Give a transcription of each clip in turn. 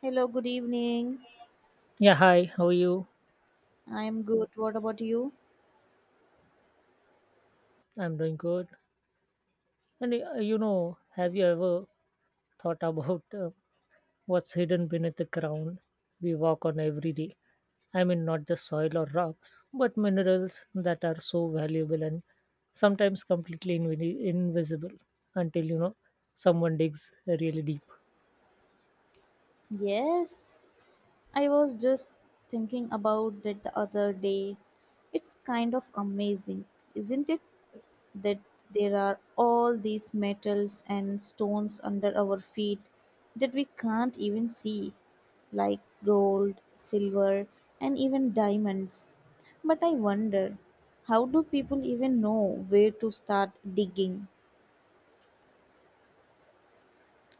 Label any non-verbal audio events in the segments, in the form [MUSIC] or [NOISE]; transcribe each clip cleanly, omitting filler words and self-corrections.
Hello, good evening. Yeah, hi, how are you? I'm good. What about you? I'm doing good. And You know, have you ever thought about what's hidden beneath the ground we walk on every day? I mean, not just soil or rocks, but minerals that are so valuable and sometimes completely invisible until, you know, someone digs really deep. Yes, I was just thinking about that the other day. It's kind of amazing, isn't it? That there are all these metals and stones under our feet that we can't even see, like gold, silver, and even diamonds. But I wonder, how do people even know where to start digging?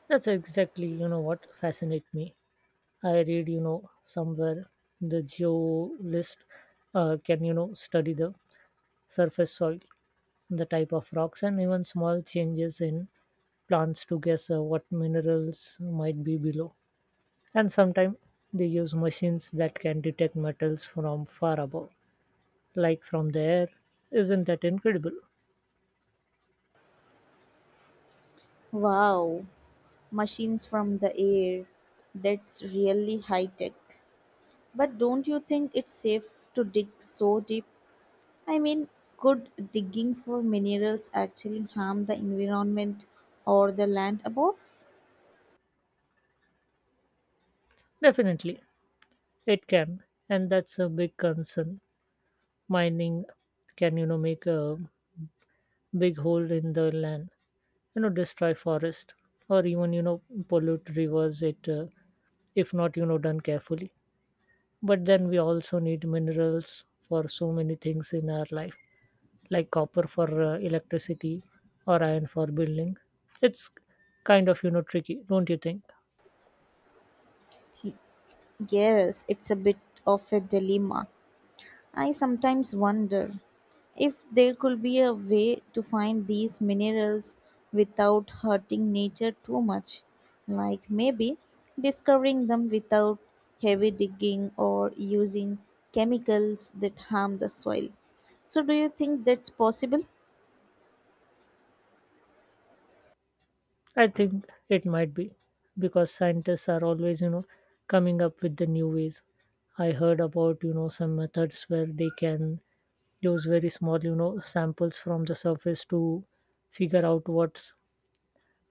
That's exactly, you know, what fascinates me. I read, you know, somewhere the geolist can, you know, study the surface soil, the type of rocks, and even small changes in plants to guess what minerals might be below. And sometimes they use machines that can detect metals from far above, like from the air. Isn't that incredible? Wow, machines from the air. That's really high tech. But don't you think it's safe to dig so deep? I mean, could digging for minerals actually harm the environment or the land above? Definitely, it can, and that's a big concern. Mining can, you know, make a big hole in the land, you know, destroy forest, or even, you know, pollute rivers. If not, you know, done carefully. But then we also need minerals for so many things in our life, like copper for electricity or iron for building. It's kind of, you know, tricky, don't you think? Y- Yes, it's a bit of a dilemma. I sometimes wonder if there could be a way to find these minerals without hurting nature too much, like maybe discovering them without heavy digging or using chemicals that harm the soil. So, do you think that's possible? I think it might be, because scientists are always, you know, coming up with the new ways. I heard about, you know, some methods where they can use very small, you know, samples from the surface to figure out what's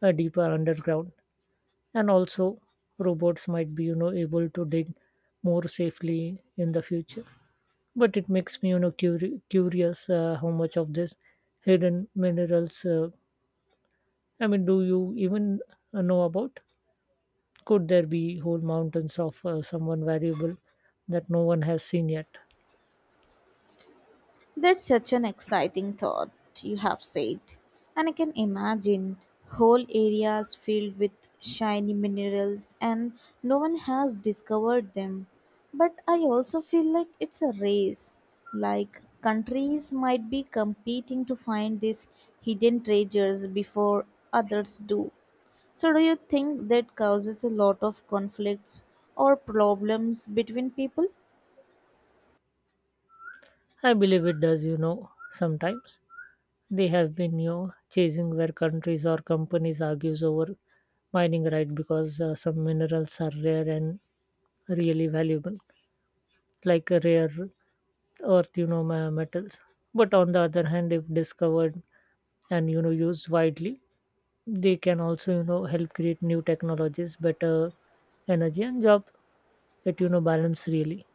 deeper underground. And also robots might be, you know, able to dig more safely in the future. But it makes me, you know, curious, how much of this hidden minerals, I mean, do you even know about? Could there be whole mountains of, someone valuable that no one has seen yet? That's such an exciting thought you have said. And I can imagine whole areas filled with shiny minerals and no one has discovered them. But I also feel like it's a race. Like countries might be competing to find these hidden treasures before others do. So, do you think that causes a lot of conflicts or problems between people? I believe it does, you know. Sometimes they have been, you know, chasing where countries or companies argues over mining right, because some minerals are rare and really valuable, like a rare earth, you know, metals. But on the other hand, if discovered and, you know, used widely, they can also, you know, help create new technologies, better energy and job. It, you know, balance really.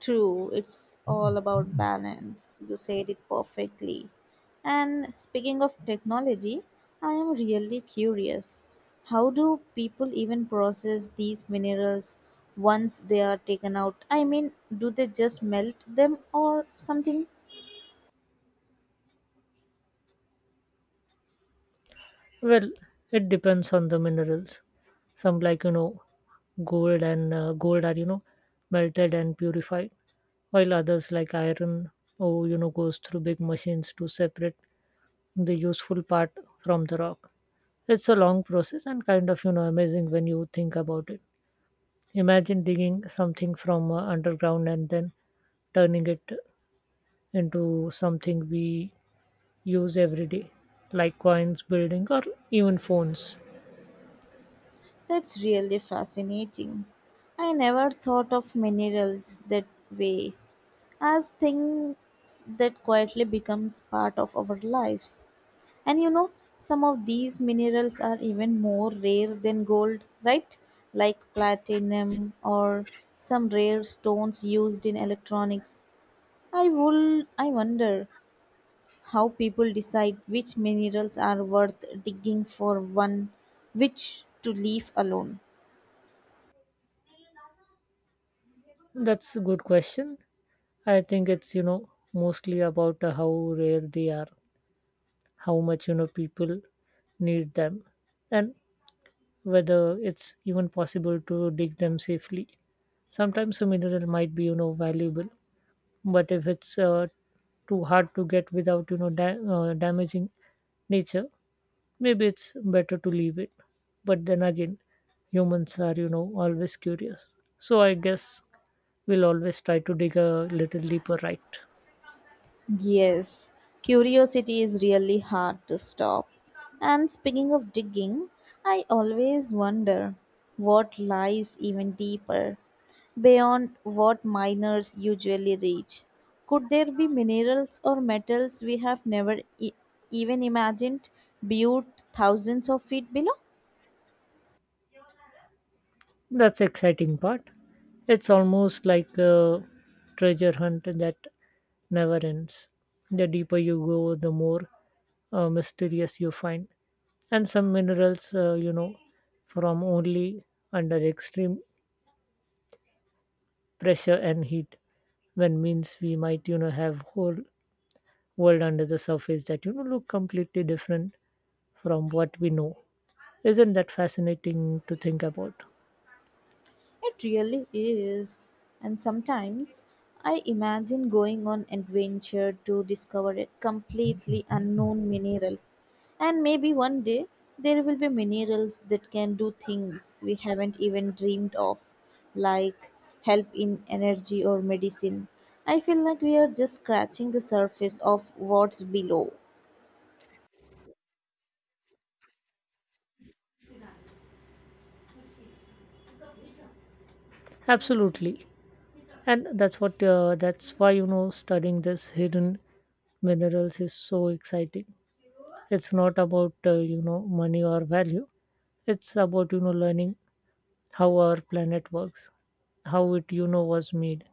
True, it's all about balance. You said it perfectly. And speaking of technology, I am really curious. How do people even process these minerals once they are taken out? I mean, do they just melt them or something? Well, it depends on the minerals. Some like, you know, gold and gold are, you know, melted and purified, while others like iron or, you know, goes through big machines to separate the useful part from the rock. It's a long process and kind of, you know, amazing when you think about it. Imagine digging something from underground and then turning it into something we use every day, like coins, building, or even phones. That's really fascinating. I never thought of minerals that way, as things that quietly becomes part of our lives. And you know, some of these minerals are even more rare than gold, right? Like platinum or some rare stones used in electronics. I wonder how people decide which minerals are worth digging for one which to leave alone. That's a good question. I think it's, you know, mostly about how rare they are, how much, you know, people need them, and whether it's even possible to dig them safely. Sometimes a mineral might be, you know, valuable, but if it's too hard to get without, you know, damaging nature, maybe it's better to leave it. But then again, humans are, you know, always curious. So I guess we'll always try to dig a little deeper, right? Yes, curiosity is really hard to stop. And speaking of digging, I always wonder what lies even deeper beyond what miners usually reach. Could there be minerals or metals we have never even imagined buried thousands of feet below? That's the exciting part. It's almost like a treasure hunt that never ends. The deeper you go, the more mysterious you find. And some minerals, you know, from only under extreme pressure and heat, when means we might, you know, have whole world under the surface that, you know, look completely different from what we know. Isn't that fascinating to think about? It really is. And sometimes I imagine going on adventure to discover a completely unknown mineral. And maybe one day there will be minerals that can do things we haven't even dreamed of, like help in energy or medicine. I feel like we are just scratching the surface of what's below. Absolutely, and that's why, you know, studying this hidden minerals is so exciting. It's not about, you know, money or value. It's about, you know, learning how our planet works, how it, you know, was made,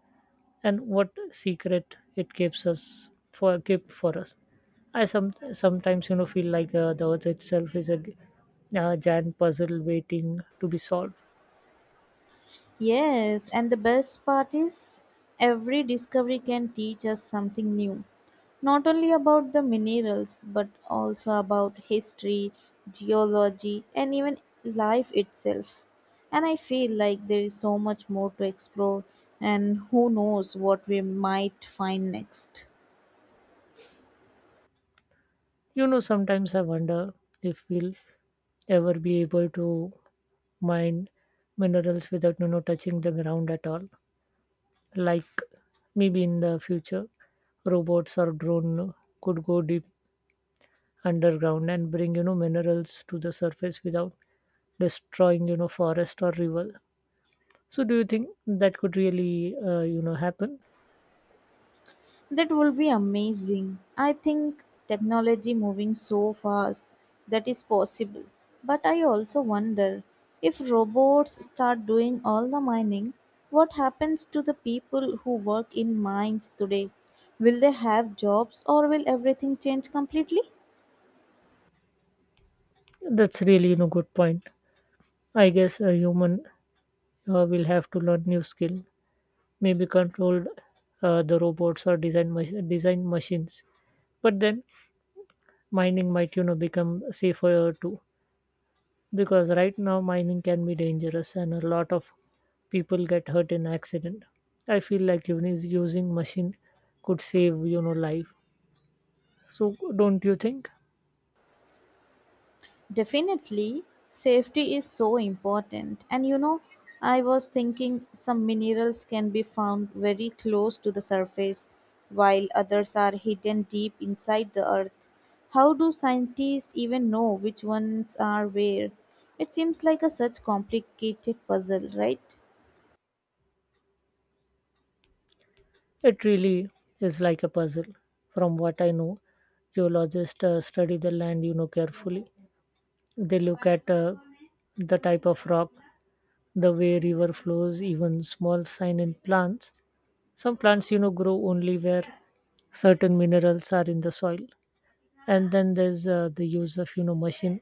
and what secret it keeps us for keep for us. I sometimes, you know, feel like the earth itself is a a giant puzzle waiting to be solved. Yes, and the best part is every discovery can teach us something new. Not only about the minerals, but also about history, geology, and even life itself. And I feel like there is so much more to explore, and who knows what we might find next. You know, sometimes I wonder if we'll ever be able to mine minerals without, you know, touching the ground at all. Like maybe in the future, robots or drone could go deep underground and bring, you know, minerals to the surface without destroying, you know, forest or river. So do you think that could really, you know, happen? That will be amazing. I think technology moving so fast that is possible. But I also wonder if robots start doing all the mining, what happens to the people who work in mines today? Will they have jobs or will everything change completely? That's really, you know, good point. I guess a human will have to learn new skill, maybe control the robots or design design machines. But then mining might, you know, become safer too, because right now mining can be dangerous and a lot of people get hurt in accident. I feel like even using machine could save, you know, life. So don't you think? Definitely, safety is so important. And you know, I was thinking some minerals can be found very close to the surface, while others are hidden deep inside the earth. How do scientists even know which ones are where? It seems like a such complicated puzzle, right? It really is like a puzzle. From what I know, geologists study the land, you know, carefully. They look at, the type of rock, the way river flows, even small sign in plants. Some plants, you know, grow only where certain minerals are in the soil. And then there's, the use of, you know, machine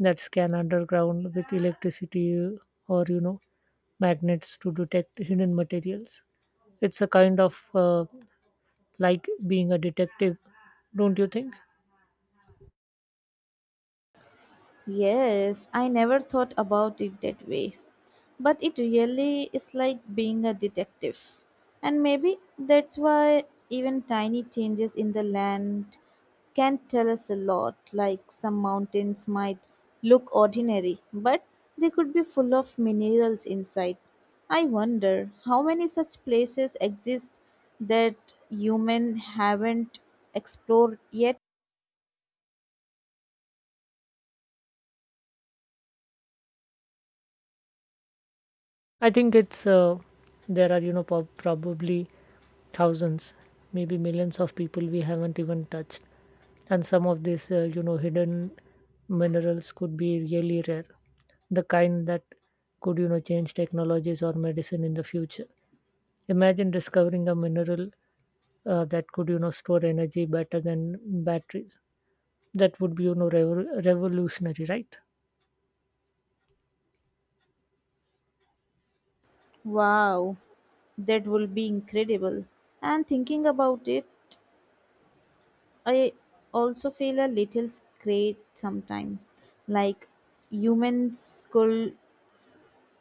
that scan underground with electricity or, you know, magnets to detect hidden materials. It's a kind of, like being a detective, don't you think? Yes, I never thought about it that way. But it really is like being a detective. And maybe that's why even tiny changes in the land can tell us a lot. Like some mountains might look ordinary, but they could be full of minerals inside. I wonder how many such places exist that human haven't explored yet. I think it's, there are, you know, probably thousands, maybe millions of people we haven't even touched. And some of these, you know, hidden minerals could be really rare, the kind that could, you know, change technologies or medicine in the future. Imagine discovering a mineral, that could, you know, store energy better than batteries. That would be, you know, revolutionary, right? Wow. That will be incredible. And thinking about it, I also feel a little scared sometimes. Like humans could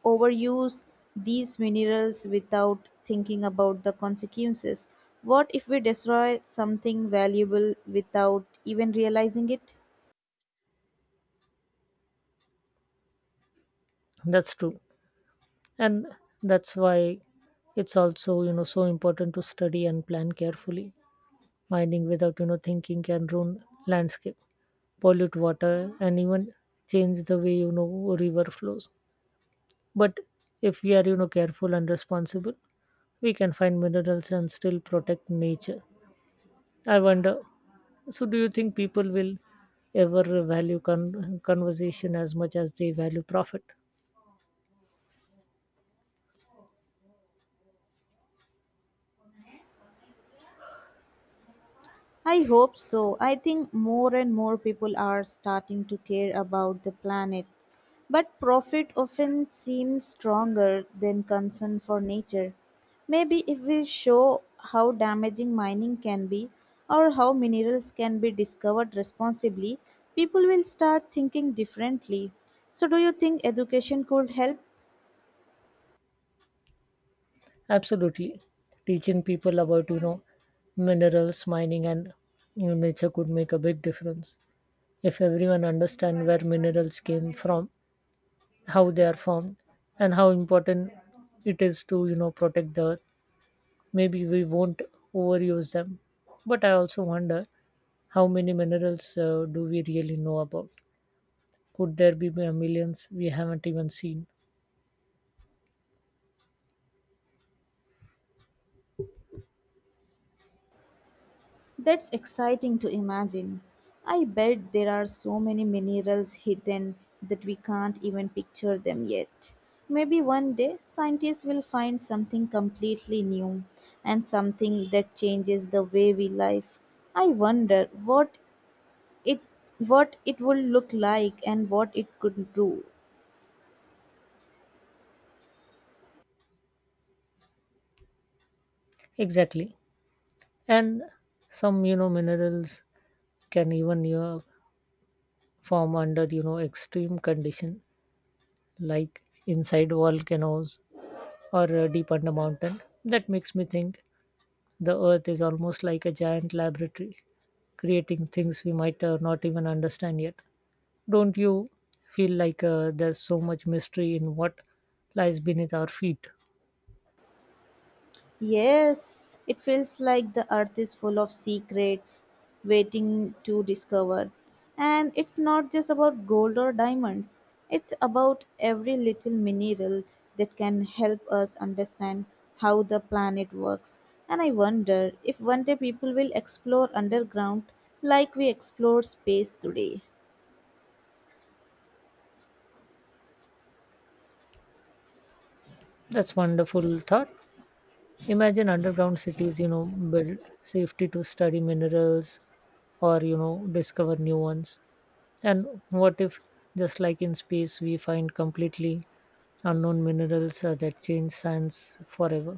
overuse these minerals without thinking about the consequences. What if we destroy something valuable without even realizing it? That's true. And that's why it's also, you know, so important to study and plan carefully. Mining without, you know, thinking can ruin landscape, pollute water, and even change the way, you know, river flows. But if we are, you know, careful and responsible, we can find minerals and still protect nature. I wonder, so do you think people will ever value conversation as much as they value profit? I hope so. I think more and more people are starting to care about the planet. But profit often seems stronger than concern for nature. Maybe if we show how damaging mining can be or how minerals can be discovered responsibly, people will start thinking differently. So, do you think education could help? Absolutely. Teaching people about, you know, minerals, mining, and, you know, nature could make a big difference. If everyone understand where minerals came from, how they are formed, and how important it is to, you know, protect the earth, maybe we won't overuse them. But I also wonder, how many minerals do we really know about? Could there be millions we haven't even seen? That's exciting to imagine. I bet there are so many minerals hidden that we can't even picture them yet. Maybe one day scientists will find something completely new and something that changes the way we live. I wonder what it it would look like and what it could do. Exactly. And some, you know, minerals can even, you know, form under, you know, extreme condition, like inside volcanoes or deep under mountain. That makes me think the earth is almost like a giant laboratory creating things we might, not even understand yet. Don't you feel like, there's so much mystery in what lies beneath our feet? Yes, it feels like the earth is full of secrets waiting to discover. And it's not just about gold or diamonds, it's about every little mineral that can help us understand how the planet works. And I wonder if one day people will explore underground like we explore space today. That's wonderful thought. Imagine underground cities, you know, built safety to study minerals or, you know, discover new ones. And what if, just like in space, we find completely unknown minerals, that change science forever?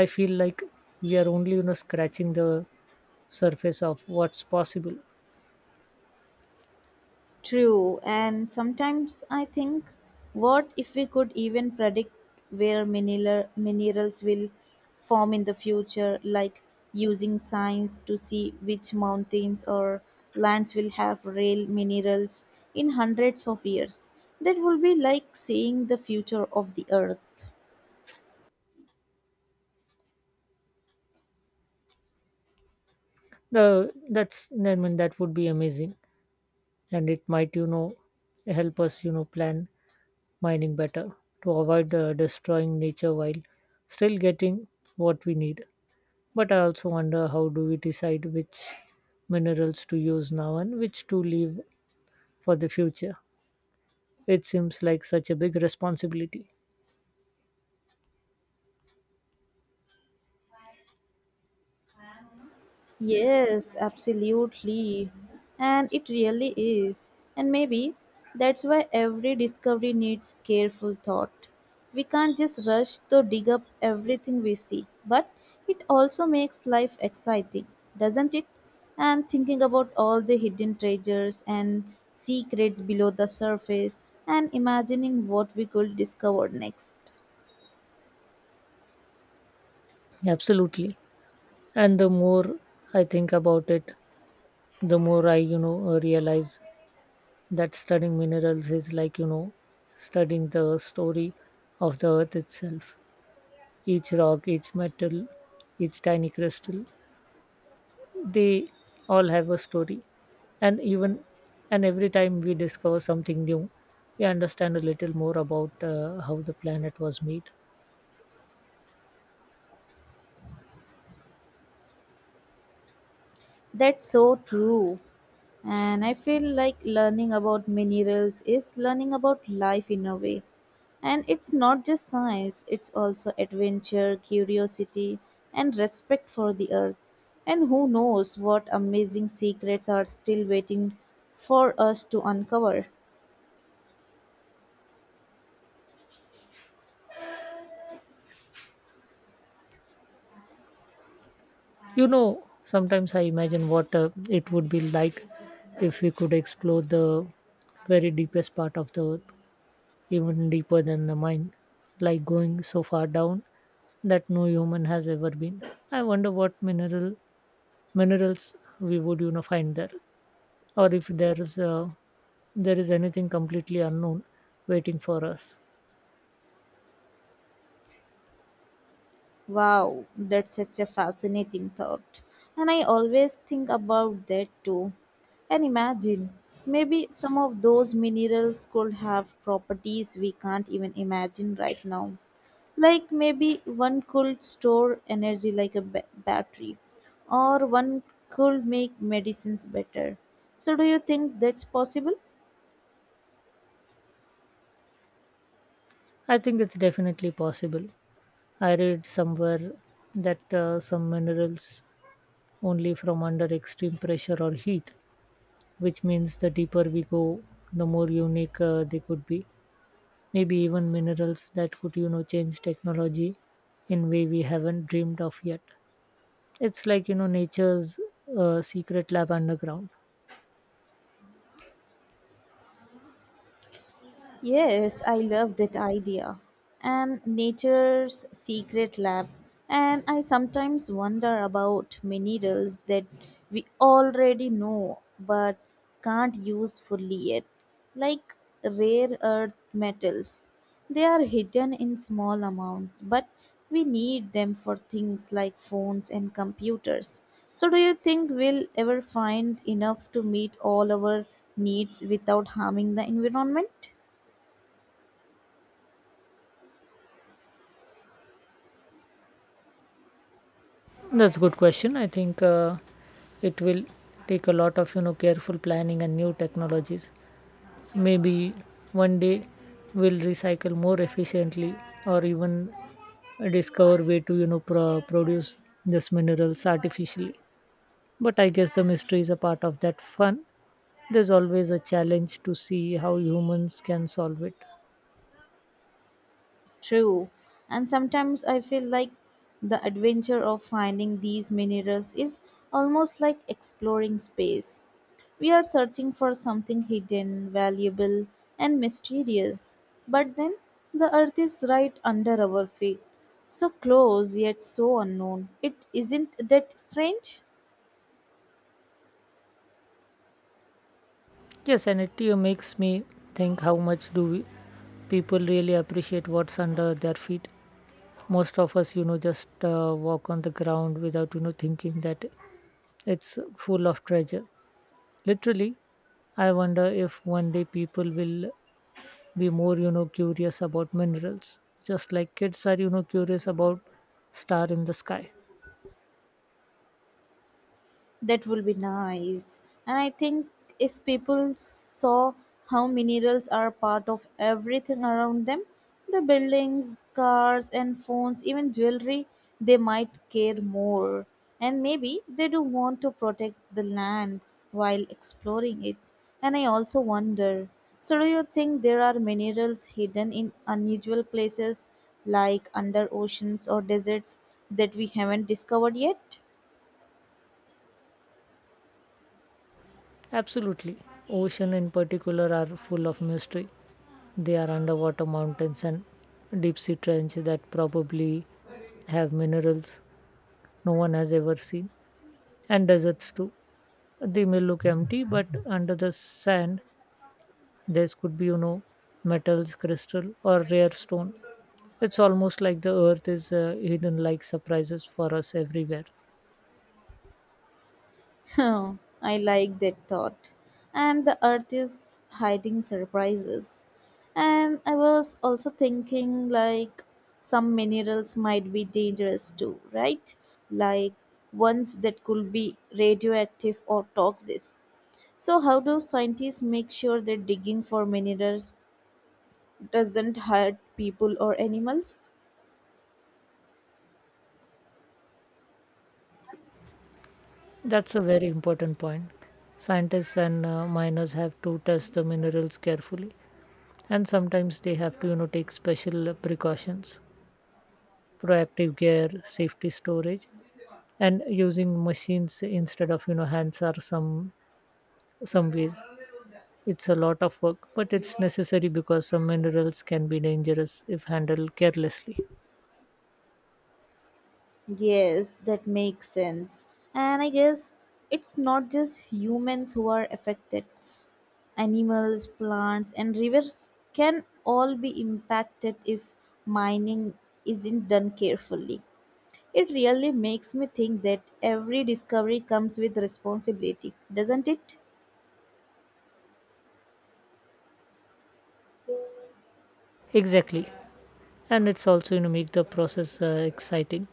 I feel like we are only, you know, scratching the surface of what's possible. True, and sometimes I think, what if we could even predict where minerals will form in the future, like using science to see which mountains or lands will have real minerals in hundreds of years? That will be like seeing the future of the earth. The that's I mean that would be amazing, and it might, you know, help us, you know, plan mining better to avoid destroying nature while still getting what we need. But I also wonder, how do we decide which minerals to use now and which to leave for the future. It seems like such a big responsibility. Yes, absolutely. And it really is. And maybe that's why every discovery needs careful thought. We can't just rush to dig up everything we see, but it also makes life exciting, doesn't it? And thinking about all the hidden treasures and secrets below the surface and imagining what we could discover next. Absolutely. And the more I think about it, the more I, you know, realize that studying minerals is like, you know, studying the story of the earth itself. Each rock, each metal, each tiny crystal, they all have a story. And even and every time we discover something new, we understand a little more about how the planet was made. That's so true. And I feel like learning about minerals is learning about life in a way. And it's not just science, it's also adventure, curiosity, and respect for the earth. And who knows what amazing secrets are still waiting for us to uncover. You know, sometimes I imagine what it would be like if we could explore the very deepest part of the earth, even deeper than the mind, like going so far down that no human has ever been. I wonder what minerals we would, you know, find there, or if there is anything completely unknown waiting for us. Wow, that's such a fascinating thought. And I always think about that too. And imagine, maybe some of those minerals could have properties we can't even imagine right now. Like maybe one could store energy like a battery, or one could make medicines better. So, do you think that's possible? I think it's definitely possible. I read somewhere that, some minerals only from under extreme pressure or heat, which means the deeper we go, the more unique they could be. Maybe even minerals that could, you know, change technology in way we haven't dreamed of yet. It's like, you know, nature's secret lab underground. Yes, I love that idea. And nature's secret lab. And I sometimes wonder about minerals that we already know but can't use fully yet, like rare earth metals. They are hidden in small amounts, but we need them for things like phones and computers. So, do you think we'll ever find enough to meet all our needs without harming the environment? That's a good question. I think it will take a lot of, you know, careful planning and new technologies. Maybe one day we'll recycle more efficiently or even discover way to, you know, produce these minerals artificially. But I guess the mystery is a part of that fun. There's always a challenge to see how humans can solve it. True. And sometimes I feel like the adventure of finding these minerals is almost like exploring space. We are searching for something hidden, valuable, and mysterious. But then the earth is right under our feet. So close yet so unknown. It isn't that strange? Yes, and it you makes me think, how much do we people really appreciate what's under their feet. Most of us, you know, just walk on the ground without, you know, thinking that it's full of treasure. Literally, I wonder if one day people will be more, you know, curious about minerals, just like kids are, you know, curious about star in the sky. That will be nice. And I think if people saw how minerals are part of everything around them the buildings, cars, and phones, even jewelry they might care more. And maybe they do want to protect the land while exploring it. And I also wonder so, do you think there are minerals hidden in unusual places like under oceans or deserts that we haven't discovered yet? Absolutely. Ocean in particular are full of mystery. They are underwater mountains and deep sea trench that probably have minerals no one has ever seen, and deserts too. They may look empty, but under the sand, there could be, you know, metals, crystal, or rare stone. It's almost like the earth is, hidden like surprises for us everywhere. [LAUGHS] Oh, I like that thought. And the earth is hiding surprises. And I was also thinking like some minerals might be dangerous too, right? Like ones that could be radioactive or toxic. So how do scientists make sure that digging for minerals doesn't hurt people or animals? That's a very important point. Scientists and, miners have to test the minerals carefully, and sometimes they have to, you know, take special precautions. Proactive gear, safety storage, and using machines instead of, you know, hands are some ways. It's a lot of work, but it's necessary because some minerals can be dangerous if handled carelessly. Yes, that makes sense. And I guess it's not just humans who are affected. Animals, plants, and rivers can all be impacted if mining isn't done carefully. It really makes me think that every discovery comes with responsibility, doesn't it? Exactly, and it's also, you know, make the process, exciting.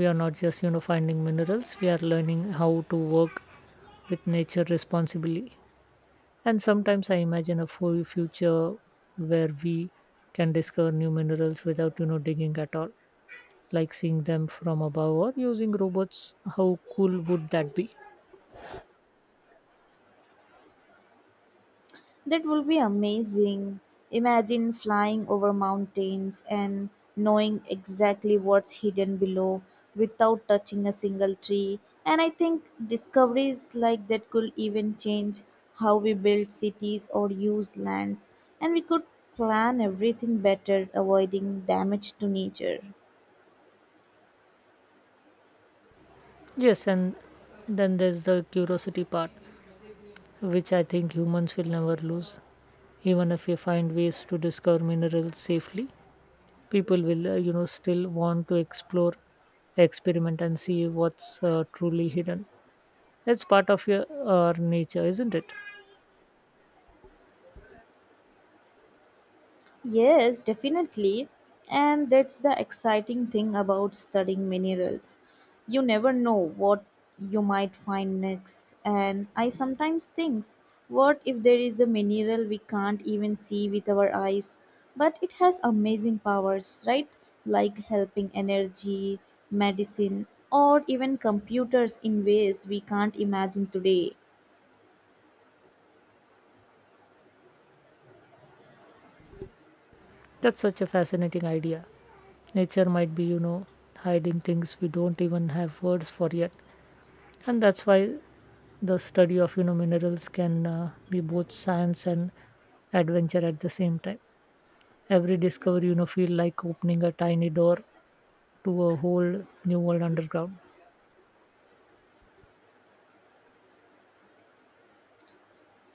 We are not just, you know, finding minerals, we are learning how to work with nature responsibly. And sometimes I imagine a future where we can discover new minerals without, you know, digging at all, like seeing them from above or using robots. How cool would that be? That will be amazing. Imagine flying over mountains and knowing exactly what's hidden below without touching a single tree. And I think discoveries like that could even change how we build cities or use lands, and we could plan everything better, avoiding damage to nature. Yes, and then there's the curiosity part, which I think humans will never lose. Even if we find ways to discover minerals safely, people will, you know, still want to explore, experiment, and see what's, truly hidden. It's part of your our nature, isn't it? Yes, definitely. And that's the exciting thing about studying minerals. You never know what you might find next. And I sometimes think, what if there is a mineral we can't even see with our eyes, but it has amazing powers, right? Like helping energy, medicine, or even computers in ways we can't imagine today. That's such a fascinating idea. Nature might be, you know, hiding things we don't even have words for yet. And that's why the study of, you know, minerals can, be both science and adventure at the same time. Every discovery, you know, feel like opening a tiny door to a whole new world underground.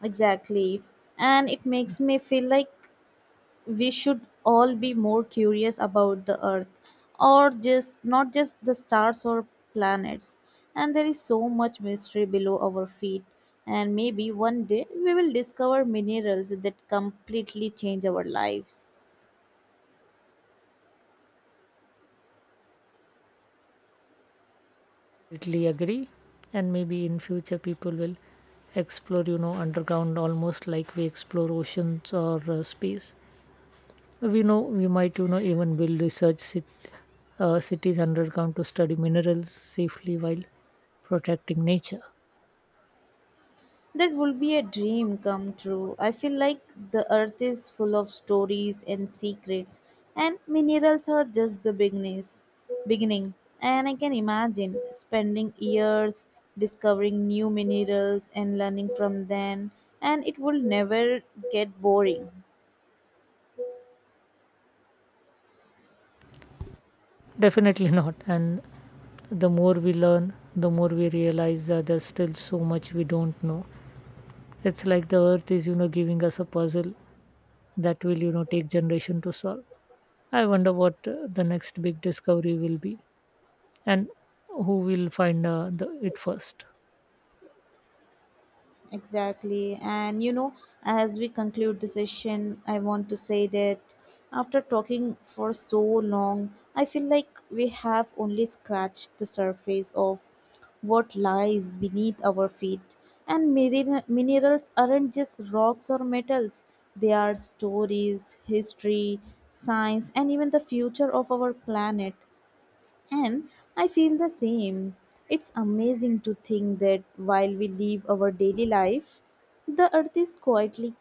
Exactly. And it makes me feel like we should all be more curious about the earth or just not just the stars or planets and there is so much mystery below our feet and maybe one day we will discover minerals that completely change our lives. Totally agree. And maybe in future people will explore, you know, underground almost like we explore oceans or, space. We know we might, you know, even build cities underground to study minerals safely while protecting nature. That will be a dream come true. I feel like the earth is full of stories and secrets, and minerals are just the beginning. And I can imagine spending years discovering new minerals and learning from them, and it will never get boring. Definitely [LAUGHS] not. And the more we learn, the more we realize that there's still so much we don't know. It's like the earth is, you know, giving us a puzzle that will, you know, take generation to solve. I wonder what, the next big discovery will be, and who will find, it first. Exactly. And you know, as we conclude the session, I want to say that after talking for so long, I feel like we have only scratched the surface of what lies beneath our feet. And minerals aren't just rocks or metals, they are stories, history, science, and even the future of our planet. And I feel the same. It's amazing to think that while we live our daily life, the earth is quietly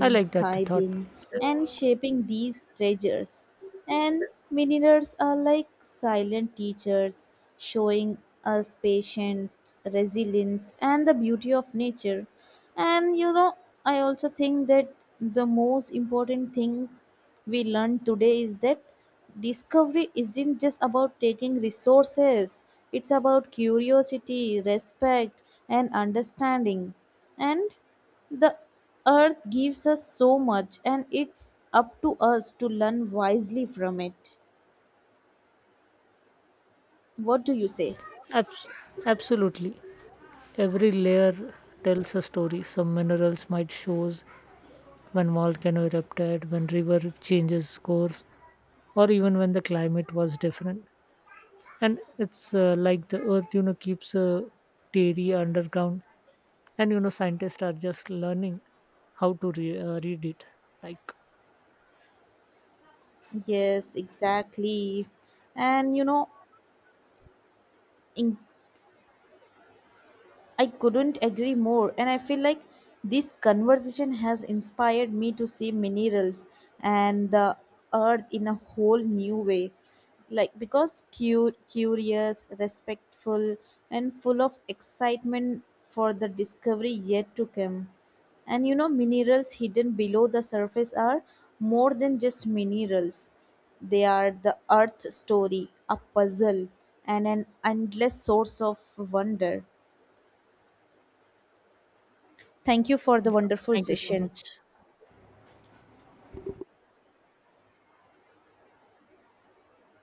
I like that thought. hiding, and shaping these treasures. And minerals are like silent teachers, showing us patience, resilience, and the beauty of nature. And you know, I also think that the most important thing we learned today is that discovery isn't just about taking resources, it's about curiosity, respect, and understanding. And the earth gives us so much, and it's up to us to learn wisely from it. What do you say? Abs- Absolutely. Every layer tells a story. Some minerals might shows when volcano erupted, when river changes course, or even when the climate was different. And it's, like the earth, you know, keeps a theory underground, and, you know, scientists are just learning how to read it. Like, Yes, exactly. And you know, in I couldn't agree more, and I feel like this conversation has inspired me to see minerals and the earth in a whole new way. Like, because curious, respectful, and full of excitement for the discovery yet to come. And you know, minerals hidden below the surface are more than just minerals. They are the earth's story, a puzzle, and an endless source of wonder. Thank you for the wonderful thank you so session. much.